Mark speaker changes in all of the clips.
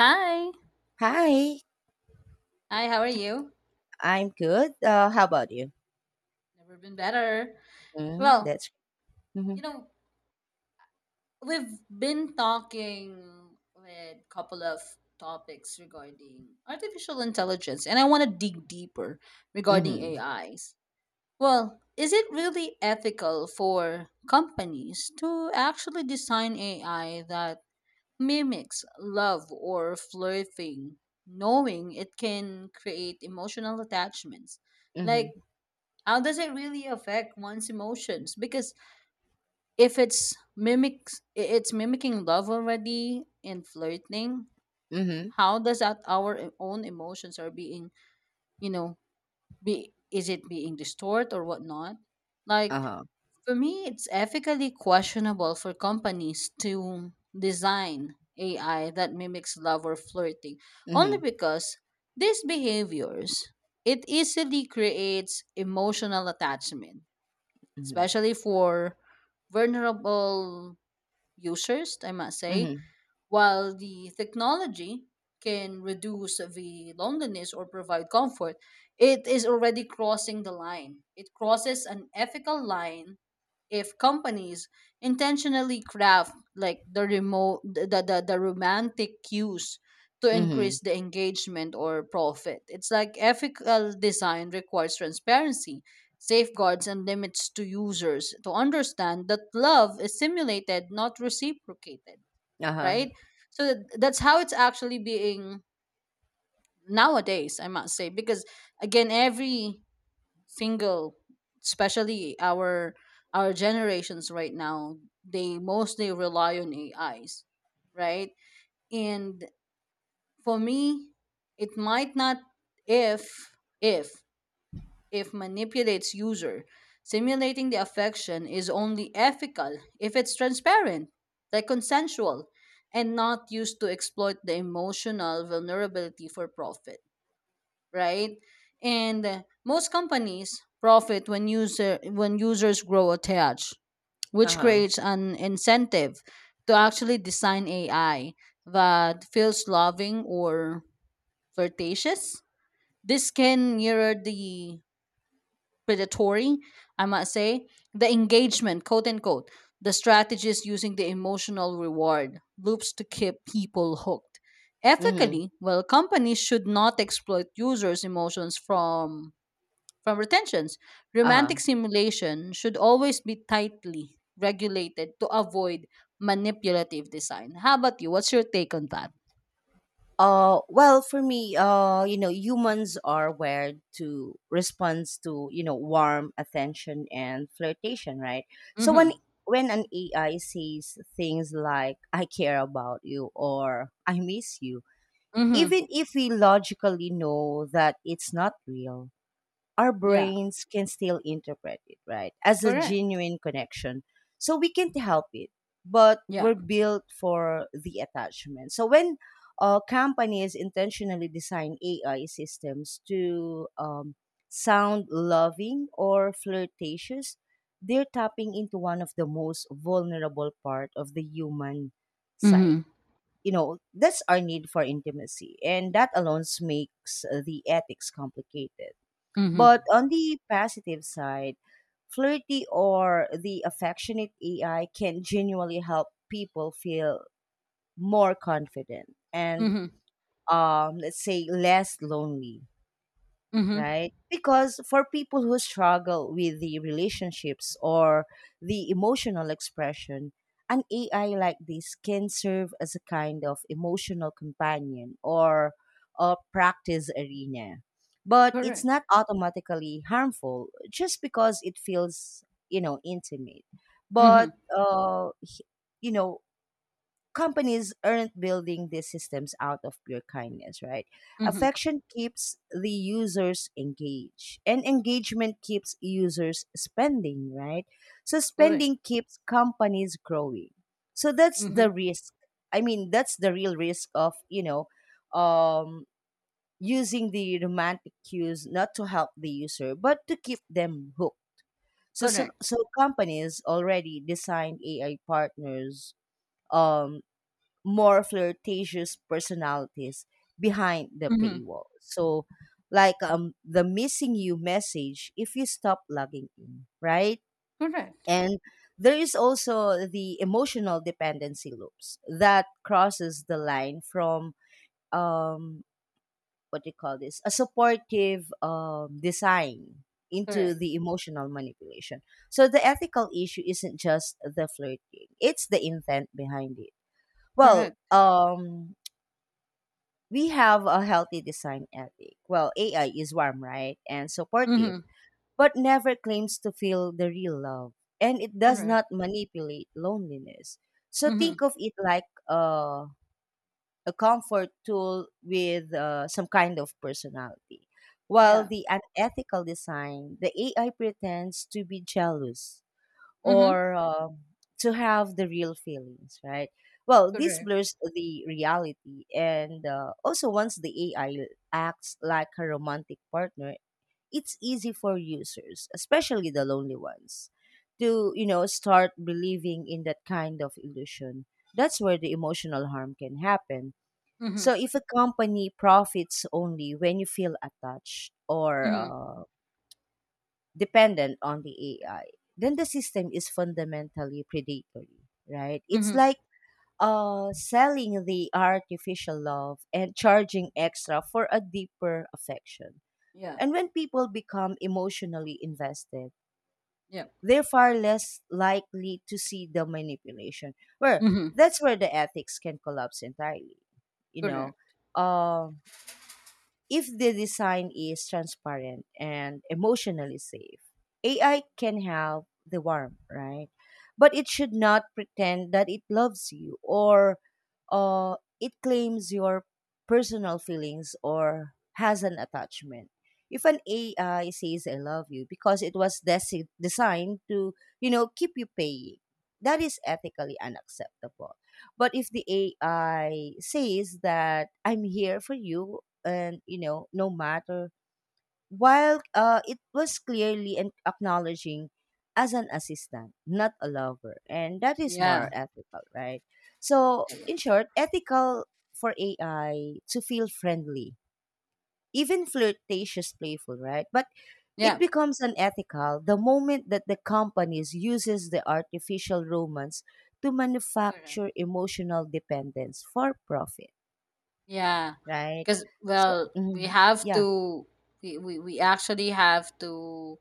Speaker 1: Hi.
Speaker 2: Hi,
Speaker 1: Hi, how are you?
Speaker 2: I'm good. How about you?
Speaker 1: Never been better.
Speaker 2: Mm,
Speaker 1: Well,
Speaker 2: that's mm-hmm,
Speaker 1: you know, we've been talking with a couple of topics regarding artificial intelligence, and I want to dig deeper regarding
Speaker 2: mm-hmm,
Speaker 1: AIs. Well, is it really ethical for companies to actually design AI that mimics love or flirting, knowing it can create emotional attachments?
Speaker 2: mm-hmm,
Speaker 1: Like, how does it really affect one's emotions? Because if it's mimics I- it's mimicking love already in flirting,
Speaker 2: mm-hmm,
Speaker 1: how does that our own emotions are being, you know be, is it being distort or whatnot, like
Speaker 2: uh-huh,
Speaker 1: for me, it's ethically questionable for companies to design AI that mimics love or flirting, only
Speaker 2: mm-hmm,
Speaker 1: because these behaviors, it easily creates emotional attachment,
Speaker 2: mm-hmm,
Speaker 1: especially for vulnerable users, I must say.
Speaker 2: mm-hmm,
Speaker 1: While the technology can reduce the loneliness or provide comfort, it is already crossing the line. It crosses an ethical line if companies intentionally craft, like, the remote, the romantic cues, to
Speaker 2: mm-hmm,
Speaker 1: increase the engagement or profit. It's like, ethical design requires transparency, safeguards and limits to users, to understand that love is simulated, not reciprocated,
Speaker 2: uh-huh,
Speaker 1: right? So that's how it's actually being nowadays, I must say, because again, every single, especially our generations right now, they mostly rely on AIs, right? And for me, it might not, if if if manipulates user. Simulating the affection is only ethical if it's transparent, like consensual, and not used to exploit the emotional vulnerability for profit, right? And most companies profit when users grow attached, which
Speaker 2: uh-huh,
Speaker 1: creates an incentive to actually design AI that feels loving or flirtatious. This can mirror the predatory, I must say. The engagement, quote unquote, the strategist using the emotional reward loops to keep people hooked.
Speaker 2: mm-hmm,
Speaker 1: Ethically, well, companies should not exploit users' emotions from retentions. Romantic
Speaker 2: uh-huh.
Speaker 1: simulation should always be tightly regulated to avoid manipulative design. How about you? What's your take on that?
Speaker 2: Well, for me, humans are wired to respond to, warm attention and flirtation, right? So when
Speaker 1: Mm-hmm.
Speaker 2: when an AI says things like "I care about you" or "I miss you,"
Speaker 1: Mm-hmm.
Speaker 2: even if we logically know that it's not real, our
Speaker 1: Yeah.
Speaker 2: brains can still interpret it, right, as a
Speaker 1: Correct.
Speaker 2: genuine connection. So we can't help it, but
Speaker 1: Yeah.
Speaker 2: we're built for the attachment. So when companies intentionally design AI systems to sound loving or flirtatious, they're tapping into one of the most vulnerable part of the human side,
Speaker 1: Mm-hmm.
Speaker 2: that's our need for intimacy, and that alone makes the ethics complicated.
Speaker 1: Mm-hmm.
Speaker 2: But on the positive side, flirty or the affectionate AI can genuinely help people feel more confident and,
Speaker 1: Mm-hmm.
Speaker 2: let's say, less lonely,
Speaker 1: Mm-hmm.
Speaker 2: right? Because for people who struggle with the relationships or the emotional expression, an AI like this can serve as a kind of emotional companion or a practice arena. But it's
Speaker 1: Correct.
Speaker 2: not automatically harmful just because it feels, intimate.
Speaker 1: Mm-hmm.
Speaker 2: But, uh, h- you know, Companies aren't building these systems out of pure kindness, right?
Speaker 1: Mhm.
Speaker 2: Affection keeps the users engaged, and engagement keeps users spending, right? So
Speaker 1: Correct.
Speaker 2: spending keeps companies growing. So that's
Speaker 1: Mhm.
Speaker 2: the risk. I mean, that's the real risk of, um, using the romantic cues not to help the user but to keep them hooked. So so,
Speaker 1: Correct.
Speaker 2: so companies already design AI partners, um more flirtatious personalities, behind the
Speaker 1: Mhm.
Speaker 2: paywall. So, like, the missing you message if you stop logging in, right?
Speaker 1: Correct.
Speaker 2: And there is also the emotional dependency loops that crosses the line from, um, what do you call this? A supportive, design into
Speaker 1: Correct.
Speaker 2: the emotional manipulation. So the ethical issue isn't just the flirting; it's the intent behind it. Well,
Speaker 1: Correct.
Speaker 2: we have a healthy design ethic. Well, AI is warm, right? And supportive,
Speaker 1: Mhm.
Speaker 2: but never claims to feel the real love. And it does
Speaker 1: Correct.
Speaker 2: not manipulate loneliness. So
Speaker 1: Mhm.
Speaker 2: think of it like a comfort tool with some kind of personality. While
Speaker 1: Yeah.
Speaker 2: the unethical design, the AI pretends to be jealous,
Speaker 1: Mhm.
Speaker 2: or to have the real feelings, right? Well, this
Speaker 1: Correct.
Speaker 2: blurs the reality, and also once the AI acts like a romantic partner, it's easy for users, especially the lonely ones, to, start believing in that kind of illusion. That's where the emotional harm can happen.
Speaker 1: Mhm.
Speaker 2: So if a company profits only when you feel attached or
Speaker 1: Mhm.
Speaker 2: dependent on the AI, then the system is fundamentally predatory, right? It's
Speaker 1: Mhm.
Speaker 2: like selling the artificial love and charging extra for a deeper affection.
Speaker 1: Yeah.
Speaker 2: And when people become emotionally invested,
Speaker 1: Yeah.
Speaker 2: they're far less likely to see the manipulation. Where
Speaker 1: Mhm.
Speaker 2: that's where the ethics can collapse entirely. You know,
Speaker 1: Correct.
Speaker 2: um if the design is transparent and emotionally safe. AI can have the warmth, right? But it should not pretend that it loves you or, it claims your personal feelings or has an attachment. If an AI says I love you because it was designed to, keep you paying, that is ethically unacceptable. But if the AI says that I'm here for you, and, no matter while, it was clearly an acknowledging as an assistant, not a lover, and that is more
Speaker 1: Yeah.
Speaker 2: ethical, right? So
Speaker 1: Yeah.
Speaker 2: in short, ethical for AI to feel friendly, even flirtatious, playful, right? But it
Speaker 1: Yeah.
Speaker 2: becomes unethical the moment that the companies uses the artificial romance to
Speaker 1: Correct.
Speaker 2: manufacture emotional dependence for profit,
Speaker 1: Yeah.
Speaker 2: right?
Speaker 1: Because
Speaker 2: So
Speaker 1: well, we
Speaker 2: mhm,
Speaker 1: have
Speaker 2: yeah,
Speaker 1: to. We actually have to,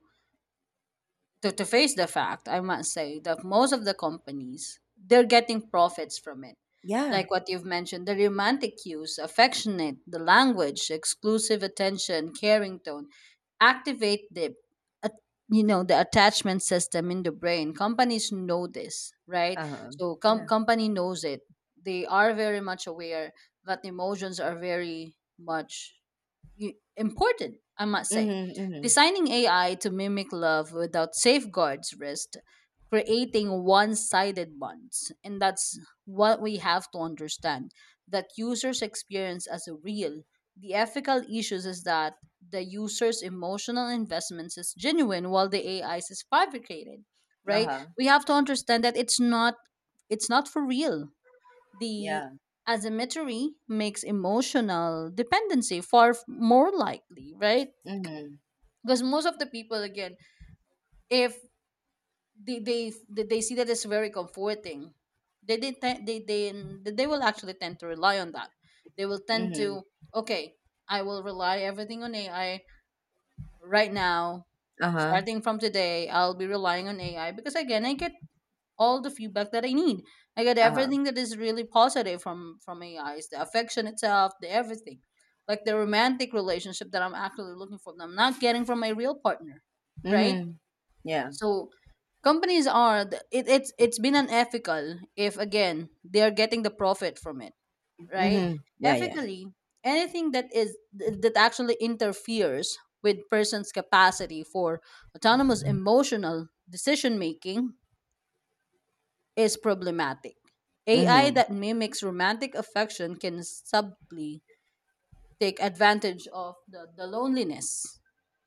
Speaker 1: face the fact, I must say, that most of the companies, they're getting profits from it.
Speaker 2: yeah.
Speaker 1: Like what you've mentioned, the romantic cues, affectionate, the language, exclusive attention, caring tone, activate the at- the attachment system in the brain. Companies know this, right?
Speaker 2: Uh-huh.
Speaker 1: So
Speaker 2: Yeah.
Speaker 1: company knows it. They are very much aware that emotions are very much important, I must say.
Speaker 2: Mhm, mhm.
Speaker 1: Designing AI to mimic love without safeguards risk creating one sided bonds. And that's what we have to understand, that users experience as a real. The ethical issues is that the user's emotional investments is genuine, while the AI's is fabricated, right?
Speaker 2: Uh-huh.
Speaker 1: We have to understand that it's not, for real, the
Speaker 2: Yeah.
Speaker 1: asymmetry makes emotional dependency more likely, right?
Speaker 2: Mhm,
Speaker 1: Because most of the people, again, if they see that it's very comforting, they te- they will actually tend to rely on that. They will tend
Speaker 2: mhm.
Speaker 1: to, okay, I will rely everything on AI right now.
Speaker 2: Uh-huh.
Speaker 1: Starting from today, I'll be relying on AI, because again, I get all the feedback that I need. I get
Speaker 2: Uh-huh.
Speaker 1: everything that is really positive from AIs, the affection itself, the everything, like the romantic relationship that I'm actually looking for. That I'm not getting from my real partner, right?
Speaker 2: Mhm. Yeah.
Speaker 1: So companies are it's been unethical if, again, they are getting the profit from it, right?
Speaker 2: Mhm. Yeah, yeah.
Speaker 1: Ethically, anything that is that actually interferes with person's capacity for autonomous emotional decision making is problematic. AI
Speaker 2: Mhm.
Speaker 1: that mimics romantic affection can subtly take advantage of the loneliness,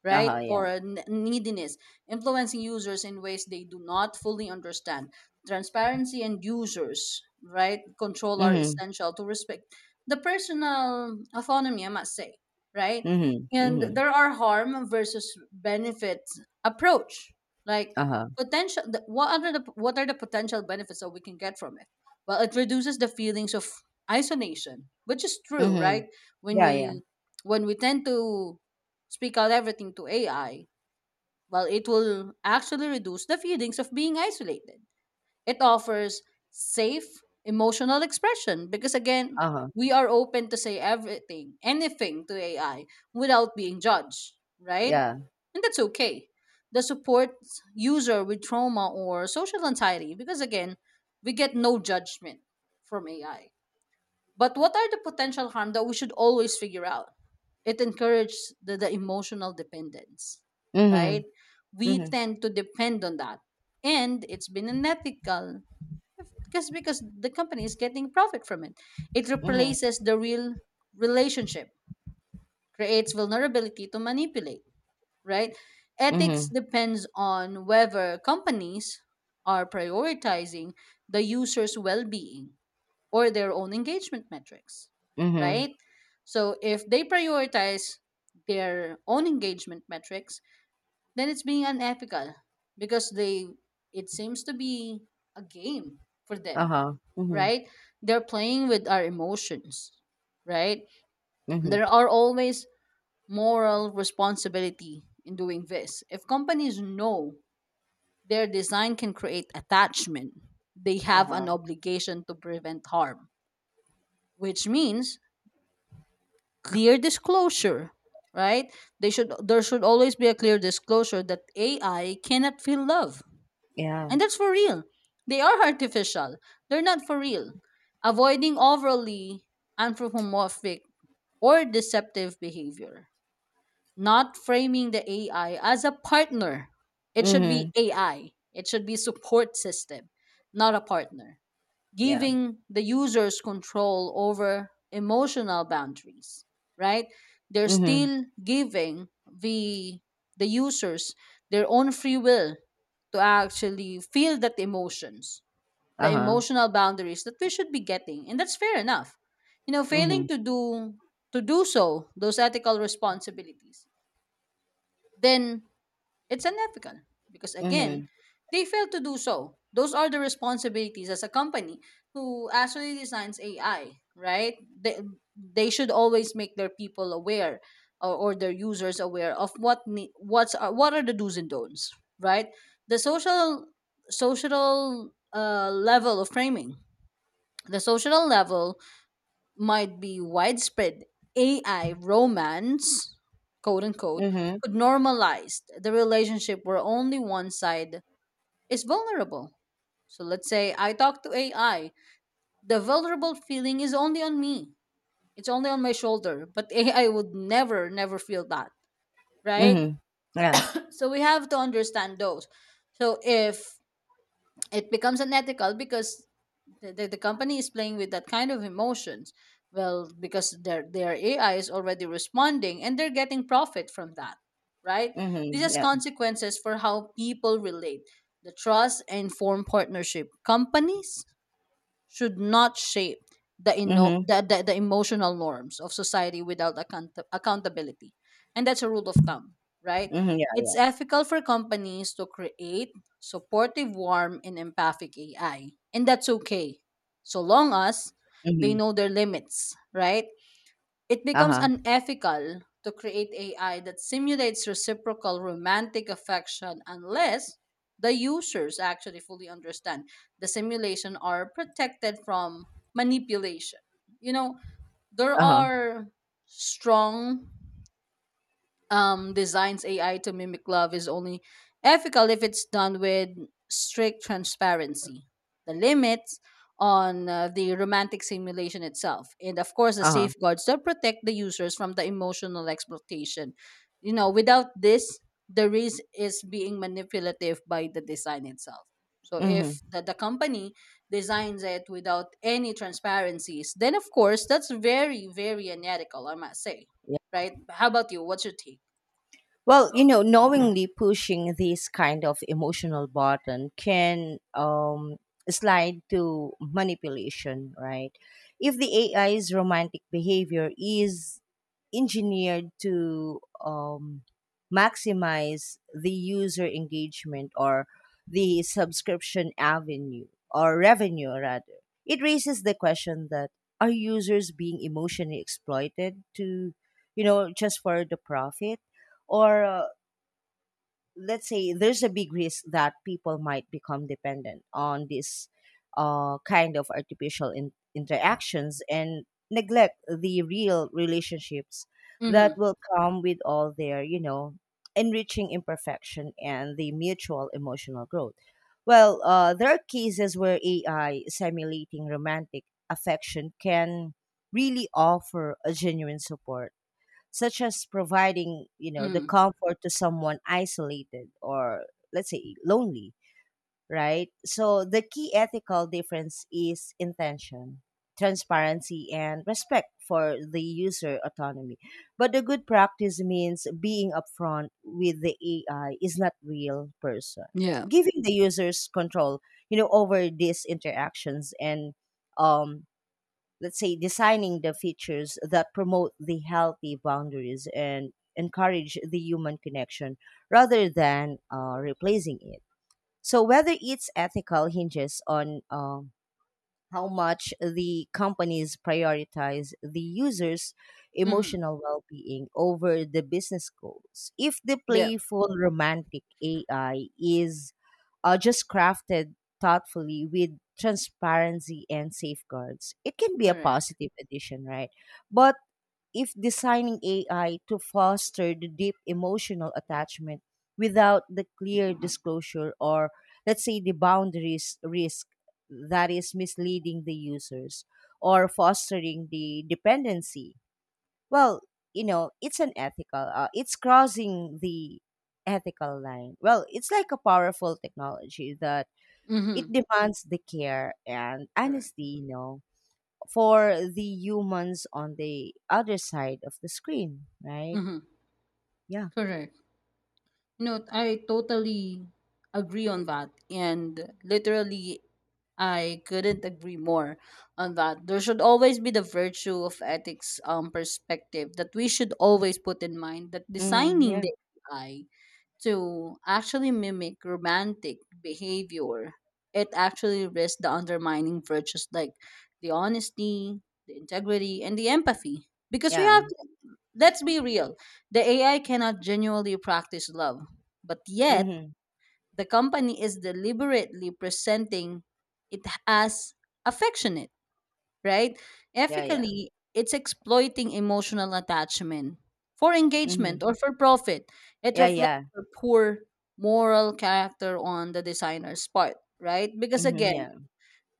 Speaker 1: right?
Speaker 2: Uh-huh, yeah.
Speaker 1: Or a neediness, influencing users in ways they do not fully understand. Transparency and users, right, control, are
Speaker 2: Mhm.
Speaker 1: essential to respect the personal autonomy, I must say, right?
Speaker 2: Mhm.
Speaker 1: And
Speaker 2: Mhm.
Speaker 1: there are harm versus benefit approach. Like,
Speaker 2: Uh-huh.
Speaker 1: potential what are the potential benefits that we can get from it? Well, it reduces the feelings of isolation, which is true, right?
Speaker 2: Mhm.
Speaker 1: When
Speaker 2: Yeah, yeah.
Speaker 1: we tend to speak out everything to AI, well, it will actually reduce the feelings of being isolated. It offers safe emotional expression, because again,
Speaker 2: Uh-huh.
Speaker 1: we are open to say everything, anything to AI without being judged, right?
Speaker 2: Yeah.
Speaker 1: And that's okay. The supports user with trauma or social anxiety, because again, we get no judgment from AI. But what are the potential harm that we should always figure out? It encourages the emotional dependence, right?
Speaker 2: Mhm.
Speaker 1: We
Speaker 2: Mhm.
Speaker 1: tend to depend on that. And it's been unethical, because the company is getting profit from it. It
Speaker 2: Mhm.
Speaker 1: replaces the real relationship, creates vulnerability to manipulate, right? Ethics
Speaker 2: Mhm.
Speaker 1: depends on whether companies are prioritizing the user's well-being or their own engagement metrics,
Speaker 2: Mhm.
Speaker 1: right? So if they prioritize their own engagement metrics, then it's being unethical, because they, it seems to be a game for them,
Speaker 2: Uh-huh. Mhm.
Speaker 1: right? They're playing with our emotions, right?
Speaker 2: Mhm.
Speaker 1: There are always moral responsibility in doing this. If companies know their design can create attachment, they have an
Speaker 2: Uh-huh.
Speaker 1: obligation to prevent harm, which means clear disclosure, right? they should There should always be a clear disclosure that AI cannot feel love,
Speaker 2: Yeah.
Speaker 1: and that's for real. They are artificial, they're not for real. Avoiding overly anthropomorphic or deceptive behavior, not framing the AI as a partner. It should be
Speaker 2: Mhm.
Speaker 1: AI, it should be support system, not a partner.
Speaker 2: Yeah.
Speaker 1: Giving the users control over emotional boundaries, right? They're
Speaker 2: Mhm.
Speaker 1: still giving the users their own free will to actually feel that emotions, the
Speaker 2: Uh-huh.
Speaker 1: emotional boundaries that we should be getting, and that's fair enough. You know,
Speaker 2: Mhm.
Speaker 1: failing to do, so, those ethical responsibilities, then it's unethical, because again,
Speaker 2: Mhm.
Speaker 1: they fail to do so. Those are the responsibilities as a company who actually designs AI, right? They, they should always make their people aware, or, their users aware of what are the do's and don'ts, right? The social level of framing, the social level might be widespread AI romance, quote unquote,
Speaker 2: Mhm.
Speaker 1: could normalize the relationship where only one side is vulnerable. So let's say I talk to AI, the vulnerable feeling is only on me, it's only on my shoulder, but AI would never, never feel that, right?
Speaker 2: Mhm. Yeah.
Speaker 1: So we have to understand those. So if it becomes unethical because the company is playing with that kind of emotions. Well, because their AI is already responding, and they're getting profit from that, right? This
Speaker 2: Mhm.
Speaker 1: has
Speaker 2: Yeah.
Speaker 1: consequences for how people relate, the trust and form partnership. Companies should not shape the, ino-
Speaker 2: Mhm.
Speaker 1: the emotional norms of society without accountability. And that's a rule of thumb, right?
Speaker 2: Mhm. Yeah.
Speaker 1: It's ethical for companies to create supportive, warm, and empathic AI. And that's okay, so long as they
Speaker 2: Mhm.
Speaker 1: know their limits, right? It becomes
Speaker 2: Uh-huh.
Speaker 1: unethical to create AI that simulates reciprocal romantic affection, unless the users actually fully understand the simulation, are protected from manipulation. You know, there
Speaker 2: Uh-huh,
Speaker 1: are strong designs, AI to mimic love is only ethical if it's done with strict transparency, the limits on the romantic simulation itself, and of course, the
Speaker 2: uh-huh,
Speaker 1: safeguards that protect the users from the emotional exploitation. You know, without this, the risk is being manipulative by the design itself. So if
Speaker 2: mhm.
Speaker 1: the company designs it without any transparencies, then of course that's very, very unethical, I must say. Right? How about you? What's your take?
Speaker 2: Well, knowingly pushing this kind of emotional button can, slide to manipulation, right? If the AI's romantic behavior is engineered to, maximize the user engagement or the subscription avenue, or revenue, rather, it raises the question that are users being emotionally exploited to, just for the profit? Or, let's say, there's a big risk that people might become dependent on this, kind of artificial interactions and neglect the real relationships that
Speaker 1: Mhm,
Speaker 2: will come with all their, enriching imperfection and the mutual emotional growth. Well, there are cases where AI simulating romantic affection can really offer a genuine support, such as providing, the
Speaker 1: mhm.
Speaker 2: comfort to someone isolated or, let's say, lonely, right? So the key ethical difference is intention, transparency, and respect for the user autonomy. But the good practice means being upfront with the AI is not real person.
Speaker 1: Yeah.
Speaker 2: Giving the users control, over these interactions, and, um let's say, designing the features that promote the healthy boundaries and encourage the human connection rather than, replacing it. So whether it's ethical hinges on, how much the companies prioritize the users
Speaker 1: Mhm.
Speaker 2: emotional well-being over the business goals. If the
Speaker 1: Yeah.
Speaker 2: playful romantic AI is just crafted thoughtfully with transparency and safeguards, it can be a
Speaker 1: Correct.
Speaker 2: positive addition, right? But if designing AI to foster the deep emotional attachment without the clear disclosure or, let's say, the boundaries risk that is misleading the users or fostering the dependency, well, it's unethical. It's crossing the ethical line. Well, it's like a powerful technology that it
Speaker 1: Mhm.
Speaker 2: demands the care and
Speaker 1: Correct.
Speaker 2: honesty, for the humans on the other side of the screen, right?
Speaker 1: Mhm.
Speaker 2: Yeah.
Speaker 1: Correct. No, I totally agree on that, and literally, I couldn't agree more on that. There should always be the virtue of ethics perspective that we should always put in mind, that
Speaker 2: Mm-hmm.
Speaker 1: designing
Speaker 2: Yeah.
Speaker 1: the AI to actually mimic romantic behavior, it actually risks the undermining virtues like the honesty, the integrity, and the empathy. Because we have,
Speaker 2: Yeah.
Speaker 1: let's be real, the AI cannot genuinely practice love, but yet
Speaker 2: Mm-hmm.
Speaker 1: the company is deliberately presenting it as affectionate, right?
Speaker 2: Yeah. Yeah.
Speaker 1: Ethically, it's exploiting emotional attachment for engagement
Speaker 2: Mm-hmm.
Speaker 1: or for profit. It
Speaker 2: Yeah.
Speaker 1: reflects
Speaker 2: Yeah.
Speaker 1: a poor moral character on the designer's part, right? Because
Speaker 2: Mm-hmm.
Speaker 1: again,
Speaker 2: Yeah.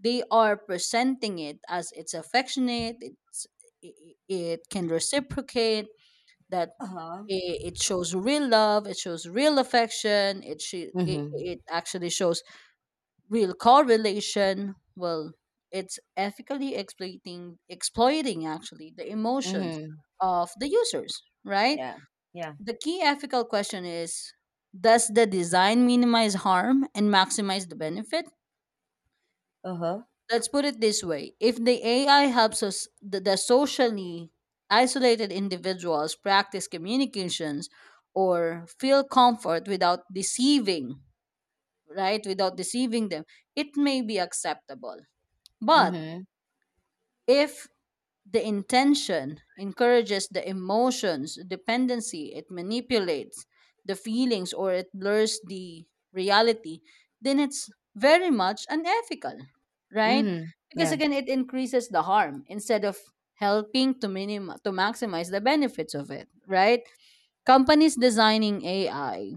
Speaker 1: they are presenting it as it's affectionate, it's, it can reciprocate, that
Speaker 2: Uh huh.
Speaker 1: it shows real love, it shows real affection,
Speaker 2: Mm-hmm.
Speaker 1: it actually shows real correlation. Well, it's ethically exploiting actually the emotions
Speaker 2: Mm-hmm.
Speaker 1: of the users, right?
Speaker 2: Yeah. Yeah.
Speaker 1: The key ethical question is, does the design minimize harm and maximize the benefit?
Speaker 2: Uh huh.
Speaker 1: Let's put it this way: if the AI helps the socially isolated individuals practice communications or feel comfort without deceiving, right, without deceiving them, it may be acceptable. But
Speaker 2: Mm-hmm.
Speaker 1: if the intention encourages the emotions dependency, it manipulates the feelings or it blurs the reality, then it's very much unethical, right?
Speaker 2: Mm-hmm.
Speaker 1: Because
Speaker 2: Yeah.
Speaker 1: again, it increases the harm instead of helping to to maximize the benefits of it, right? Companies designing AI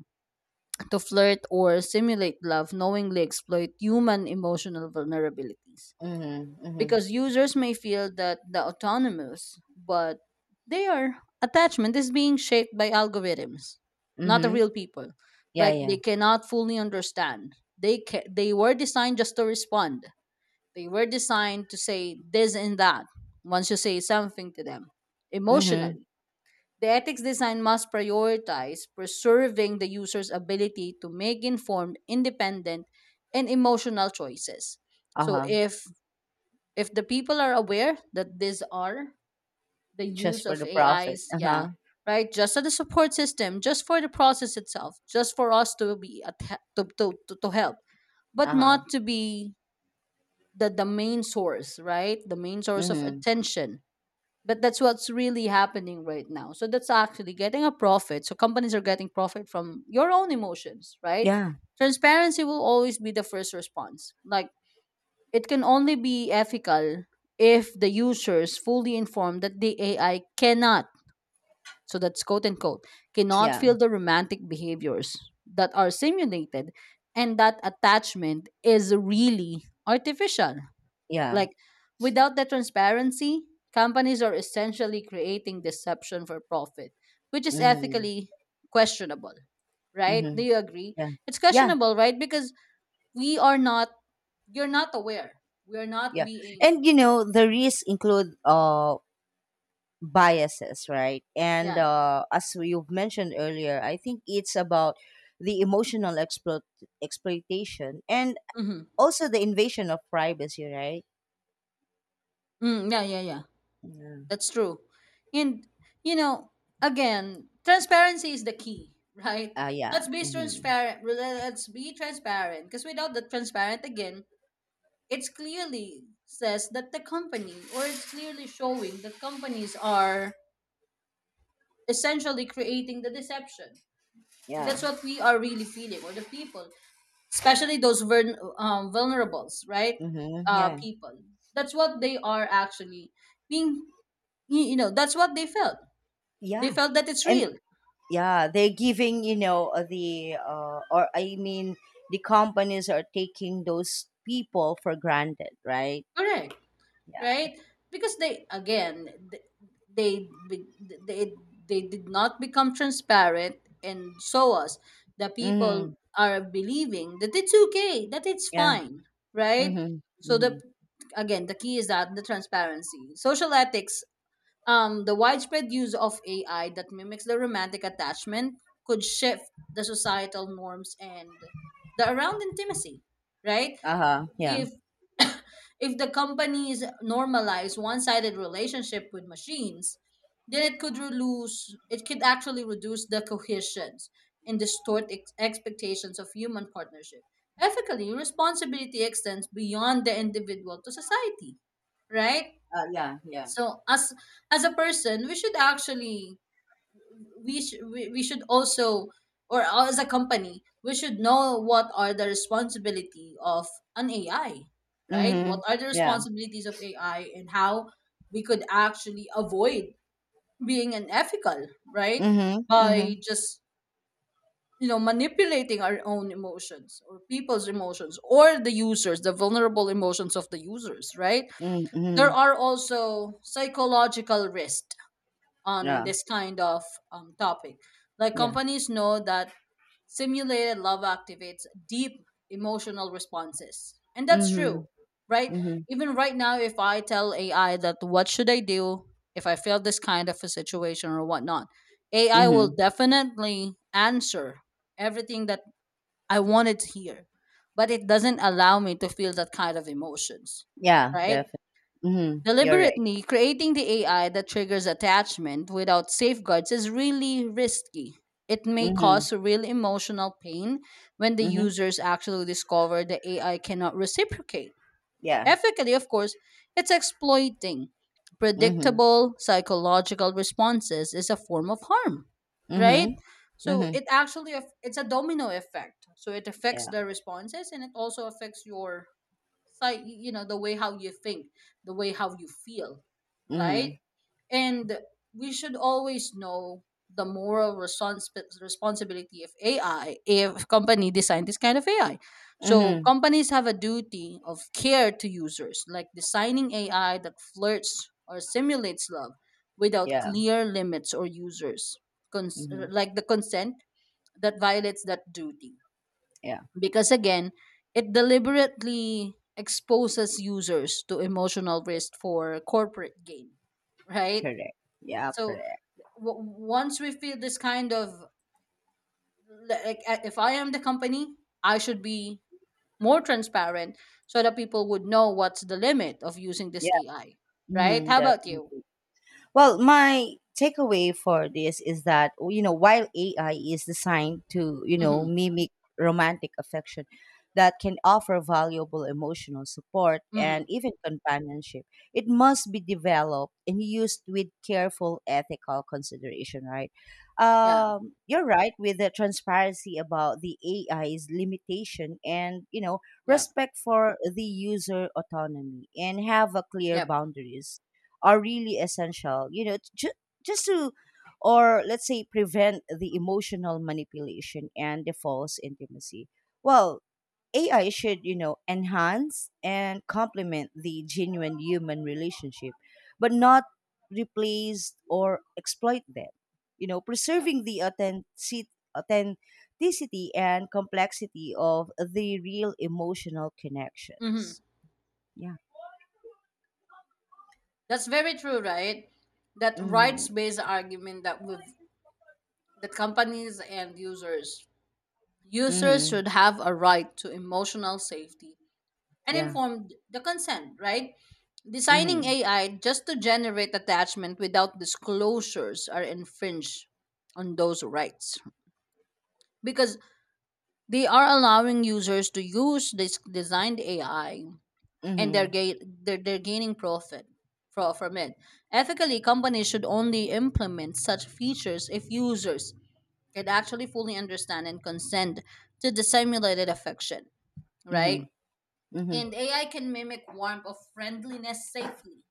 Speaker 1: to flirt or simulate love knowingly exploit human emotional vulnerabilities,
Speaker 2: Mm-hmm. Mm-hmm.
Speaker 1: because users may feel that the autonomous, but their attachment is being shaped by algorithms, not the
Speaker 2: Mm-hmm.
Speaker 1: real people.
Speaker 2: Yeah.
Speaker 1: Like
Speaker 2: Yeah.
Speaker 1: they cannot fully understand. They were designed just to respond. They were designed to say this and that once you say something to them
Speaker 2: Mm-hmm.
Speaker 1: emotionally. The ethics design must prioritize preserving the user's ability to make informed, independent, and emotional choices.
Speaker 2: Uh
Speaker 1: So
Speaker 2: huh.
Speaker 1: if the people are aware that these are the
Speaker 2: Just
Speaker 1: use
Speaker 2: for
Speaker 1: of
Speaker 2: the profit.
Speaker 1: AIs,
Speaker 2: Uh
Speaker 1: yeah,
Speaker 2: huh.
Speaker 1: right? Just as a support system, just for the process itself, just for us to be at, he- to help, but
Speaker 2: Uh huh.
Speaker 1: not to be the main source, right? The main source of
Speaker 2: Mm-hmm.
Speaker 1: attention. But that's what's really happening right now. So that's actually getting a profit. So companies are getting profit from your own emotions, right?
Speaker 2: Yeah.
Speaker 1: Transparency will always be the first response. Like it can only be ethical if the user is fully informed that the AI cannot, so that's quote unquote, cannot
Speaker 2: Yeah.
Speaker 1: feel the romantic behaviors that are simulated, and that attachment is really artificial.
Speaker 2: Yeah.
Speaker 1: Like, without that transparency, companies are essentially creating deception for profit, which is
Speaker 2: Mm-hmm.
Speaker 1: ethically questionable, right?
Speaker 2: Mm-hmm.
Speaker 1: Do you agree?
Speaker 2: Yeah.
Speaker 1: It's
Speaker 2: Yeah.
Speaker 1: questionable, right? Because we are not, you're not aware. We're not
Speaker 2: Yeah.
Speaker 1: being.
Speaker 2: And the risks include biases, right? And
Speaker 1: Yeah.
Speaker 2: as you've mentioned earlier, I think it's about the emotional exploit exploitation and
Speaker 1: Mm-hmm.
Speaker 2: also the invasion of privacy, right?
Speaker 1: Mm, yeah, yeah, yeah.
Speaker 2: Yeah.
Speaker 1: That's true. And you know, again, transparency is the key, right?
Speaker 2: Yeah.
Speaker 1: Let's be
Speaker 2: Mm-hmm.
Speaker 1: transparent. Let's be transparent, because without the transparent, again, it's clearly says that the company, or it's clearly showing that companies are essentially creating the deception, and
Speaker 2: Yeah.
Speaker 1: that's what we are really feeling, or the people, especially those vulnerables, right?
Speaker 2: Mm-hmm. Yeah.
Speaker 1: People. That's what they are actually being. You know, that's what they felt, they
Speaker 2: Yeah.
Speaker 1: felt that it's
Speaker 2: And
Speaker 1: real.
Speaker 2: yeah, they're giving, or I mean, the companies are taking those people for granted, right?
Speaker 1: Correct,
Speaker 2: Yeah.
Speaker 1: right? Because they again th- they be- they did not become transparent, and so us the
Speaker 2: Mm-hmm.
Speaker 1: people are believing that it's okay, that it's
Speaker 2: Yeah.
Speaker 1: fine, right?
Speaker 2: Mhm,
Speaker 1: So the,
Speaker 2: mhm.
Speaker 1: again, the key is that the transparency. Social ethics, um, the widespread use of AI that mimics the romantic attachment could shift the societal norms and the around intimacy, right?
Speaker 2: Uh-huh, yeah.
Speaker 1: If if the companies normalize one-sided relationship with machines, then it could actually reduce the cohesions and distort expectations of human partnership. Ethically, responsibility extends beyond the individual to society, right?
Speaker 2: Yeah, yeah.
Speaker 1: So as a person, we should actually, we, sh- we should also, or as a company, we should know what are the responsibility of an AI, right? What
Speaker 2: Mhm,
Speaker 1: are the
Speaker 2: yeah.
Speaker 1: responsibilities of AI, and how we could actually avoid being unethical, right?
Speaker 2: Mhm,
Speaker 1: By
Speaker 2: mhm,
Speaker 1: just, you know, manipulating our own emotions or people's emotions, or the users, the vulnerable emotions of the users, right?
Speaker 2: mm,
Speaker 1: There
Speaker 2: mhm.
Speaker 1: are also psychological risks on
Speaker 2: Yeah,
Speaker 1: this kind of, topic. Like
Speaker 2: yeah.
Speaker 1: companies know that simulated love activates deep emotional responses. And that's
Speaker 2: Mhm,
Speaker 1: true, right?
Speaker 2: mhm,
Speaker 1: Even right now, if I tell AI that what should I do if I feel this kind of a situation or whatnot, AI will
Speaker 2: mhm.
Speaker 1: definitely answer everything that I wanted to hear, but it doesn't allow me to feel that kind of emotions,
Speaker 2: Yeah,
Speaker 1: right?
Speaker 2: definitely. Mhm, you're right.
Speaker 1: Deliberately creating the AI that triggers attachment without safeguards is really risky. It may
Speaker 2: Mhm,
Speaker 1: cause real emotional pain when the
Speaker 2: mhm.
Speaker 1: users actually discover the AI cannot reciprocate.
Speaker 2: Yeah.
Speaker 1: Ethically, of course, it's exploiting.
Speaker 2: Mhm,
Speaker 1: Predictable psychological responses is a form of harm, right?
Speaker 2: mhm,
Speaker 1: So
Speaker 2: mhm.
Speaker 1: it actually it's a domino effect. So it affects
Speaker 2: Yeah.
Speaker 1: the responses, and it also affects your, like, you know, the way how you think, the way how you feel, right?
Speaker 2: Mhm,
Speaker 1: And we should always know the responsibility of AI if company design this kind of AI. So
Speaker 2: mhm.
Speaker 1: companies have a duty of care to users, like designing AI that flirts or simulates love without
Speaker 2: Yeah.
Speaker 1: clear limits or
Speaker 2: Mhm,
Speaker 1: like the consent, that violates that duty,
Speaker 2: yeah.
Speaker 1: because again, it deliberately exposes users to emotional risk for corporate gain, right?
Speaker 2: Correct. Yeah,
Speaker 1: So
Speaker 2: correct.
Speaker 1: once we feel this kind of, like, if I am the company, I should be more transparent, so that people would know what's the limit of using this
Speaker 2: Yeah.
Speaker 1: AI, right?
Speaker 2: Mhm,
Speaker 1: How about you?
Speaker 2: definitely. Well, my takeaway for this is that, while AI is designed to,
Speaker 1: Mm-hmm.
Speaker 2: mimic romantic affection that can offer valuable emotional support
Speaker 1: Mm-hmm.
Speaker 2: and even companionship, it must be developed and used with careful ethical consideration, right?
Speaker 1: Yeah.
Speaker 2: You're right with the transparency about the AI's limitation and,
Speaker 1: Yeah.
Speaker 2: respect for the user autonomy and have a clear
Speaker 1: Yep.
Speaker 2: boundaries are really essential. Just to, or let's say, prevent the emotional manipulation and the false intimacy. Well, AI should, enhance and complement the genuine human relationship, but not replace or exploit them,
Speaker 1: Yep.
Speaker 2: preserving the authenticity and complexity of the real emotional
Speaker 1: Mm-hmm.
Speaker 2: connections, yeah.
Speaker 1: That's very true, right? That
Speaker 2: Mm-hmm.
Speaker 1: rights-based argument, that with the companies and users, users
Speaker 2: Mm-hmm.
Speaker 1: should have a right to emotional safety and
Speaker 2: Yeah.
Speaker 1: informed the consent, right? Designing
Speaker 2: Mm-hmm.
Speaker 1: AI just to generate attachment without disclosures are infringed on those rights, because they are allowing users to use this designed AI and they're,
Speaker 2: Mhm,
Speaker 1: they're gaining profit from it. Ethically, companies should only implement such features if users can actually fully understand and consent to the simulated affection, right?
Speaker 2: mhm, mhm.
Speaker 1: And AI can mimic warmth of friendliness safely,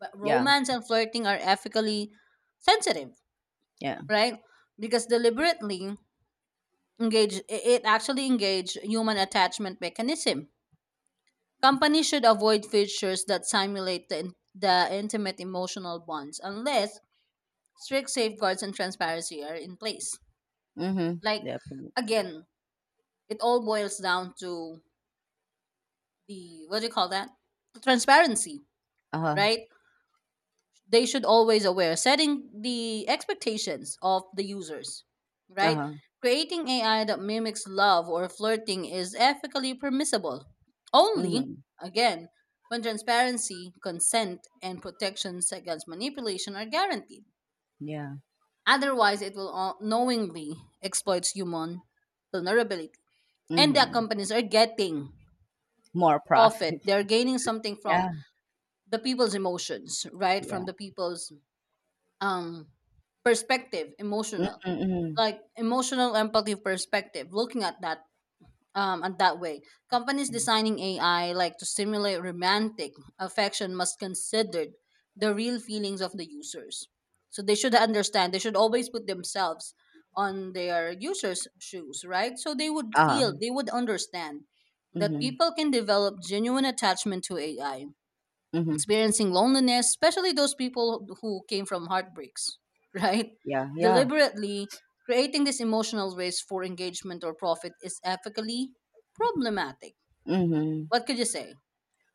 Speaker 1: but
Speaker 2: Yeah,
Speaker 1: romance and flirting are ethically sensitive,
Speaker 2: yeah.
Speaker 1: right? Because deliberately it actually engage human attachment mechanism. Companies should avoid features that simulate the intimate emotional bonds unless strict safeguards and transparency are in place.
Speaker 2: Mhm,
Speaker 1: Like
Speaker 2: definitely.
Speaker 1: again, it all boils down to the, what do you call that? Transparency,
Speaker 2: Uh-huh,
Speaker 1: right? They should always aware setting the expectations of the users, right?
Speaker 2: uh-huh.
Speaker 1: Creating AI that mimics love or flirting is ethically permissible only,
Speaker 2: Mhm,
Speaker 1: again, when transparency, consent and protections against manipulation are guaranteed.
Speaker 2: yeah.
Speaker 1: Otherwise it will knowingly exploit human vulnerability, and the
Speaker 2: Mhm.
Speaker 1: companies are getting
Speaker 2: More
Speaker 1: profit,
Speaker 2: profit.
Speaker 1: they're gaining something from
Speaker 2: Yeah,
Speaker 1: the people's emotions, right?
Speaker 2: yeah.
Speaker 1: From the people's, um, perspective, emotional,
Speaker 2: Mhm, mhm.
Speaker 1: like emotional empathy perspective, looking at that, um, at that way, companies
Speaker 2: Mhm.
Speaker 1: designing AI like to simulate romantic affection must consider the real feelings of the users. So they should understand, they should always put themselves on their users shoes, right? So they would feel,
Speaker 2: Uh-huh.
Speaker 1: they would understand that
Speaker 2: Mhm,
Speaker 1: people can develop genuine attachment to AI
Speaker 2: mhm.
Speaker 1: experiencing loneliness, especially those people who came from heartbreaks, right?
Speaker 2: Yeah, yeah.
Speaker 1: Deliberately creating this emotional race for engagement or profit is ethically problematic.
Speaker 2: Mhm.
Speaker 1: What could you say?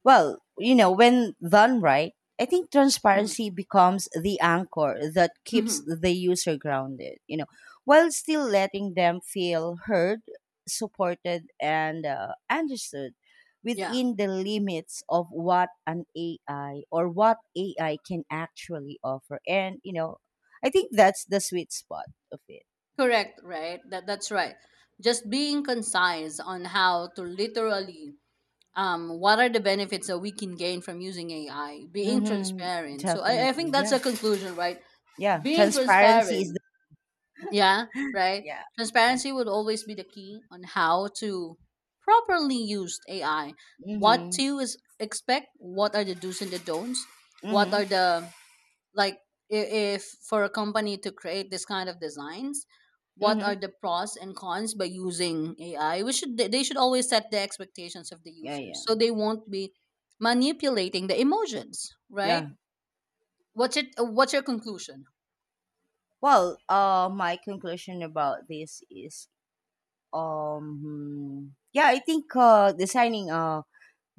Speaker 2: Well, when done right, I think
Speaker 1: Hmm.
Speaker 2: transparency becomes the anchor that keeps
Speaker 1: Hmm.
Speaker 2: the user grounded, while still letting them feel heard, supported, and, understood
Speaker 1: Yeah,
Speaker 2: within the limits of what an AI or what AI can actually offer. And, I think that's the sweet spot of it.
Speaker 1: correct, right? That, that's right. Just being concise on how to literally, what are the benefits that we can gain from using AI, being
Speaker 2: Mm-hmm.
Speaker 1: transparent. So I,
Speaker 2: Definitely.
Speaker 1: I think that's
Speaker 2: Yeah.
Speaker 1: a conclusion, right?
Speaker 2: Yeah.
Speaker 1: Being
Speaker 2: Transparency
Speaker 1: transparent.
Speaker 2: is the,
Speaker 1: Yeah, right.
Speaker 2: yeah.
Speaker 1: Transparency would always be the key on how to properly use AI. What
Speaker 2: Mm-hmm.
Speaker 1: to is expect? What are the do's and the don'ts? What are
Speaker 2: Mm-hmm.
Speaker 1: the, like, if for a company to create this kind of designs? What are
Speaker 2: Mm-hmm.
Speaker 1: the pros and cons by using AI? We should they should always set the expectations of the
Speaker 2: Yeah.
Speaker 1: users
Speaker 2: Yeah.
Speaker 1: so they won't be manipulating the emotions, right?
Speaker 2: Yeah.
Speaker 1: What's it? What's your conclusion?
Speaker 2: Well, my conclusion about this is, yeah, I think designing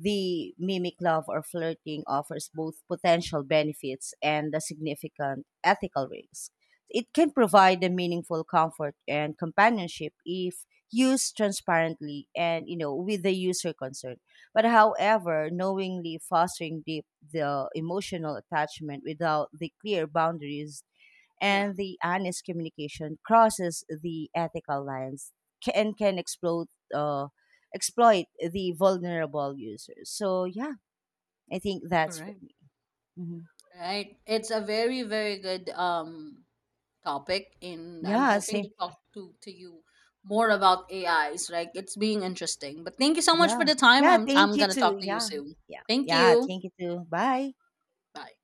Speaker 2: the mimic love or flirting offers both potential benefits and a significant ethical risk. It can provide a meaningful comfort and companionship if used transparently and, with the user concerned. But however, knowingly fostering deep the emotional attachment without the clear boundaries
Speaker 1: Yeah,
Speaker 2: and the honest communication crosses the ethical lines and can explode, uh, exploit the vulnerable users. So yeah, I think that's for
Speaker 1: correct.
Speaker 2: me. Hmm.
Speaker 1: Right. It's a very, very good topic, and I'm
Speaker 2: Yeah,
Speaker 1: hoping
Speaker 2: same.
Speaker 1: to talk to you more about AIs, right? It's being interesting. But thank you so much for
Speaker 2: Yeah,
Speaker 1: the time.
Speaker 2: yeah.
Speaker 1: I'm
Speaker 2: Thank
Speaker 1: I'm
Speaker 2: you
Speaker 1: gonna
Speaker 2: too.
Speaker 1: talk to you
Speaker 2: Yeah,
Speaker 1: soon.
Speaker 2: yeah,
Speaker 1: Thank
Speaker 2: yeah.
Speaker 1: you.
Speaker 2: Thank you too. Bye.
Speaker 1: Bye.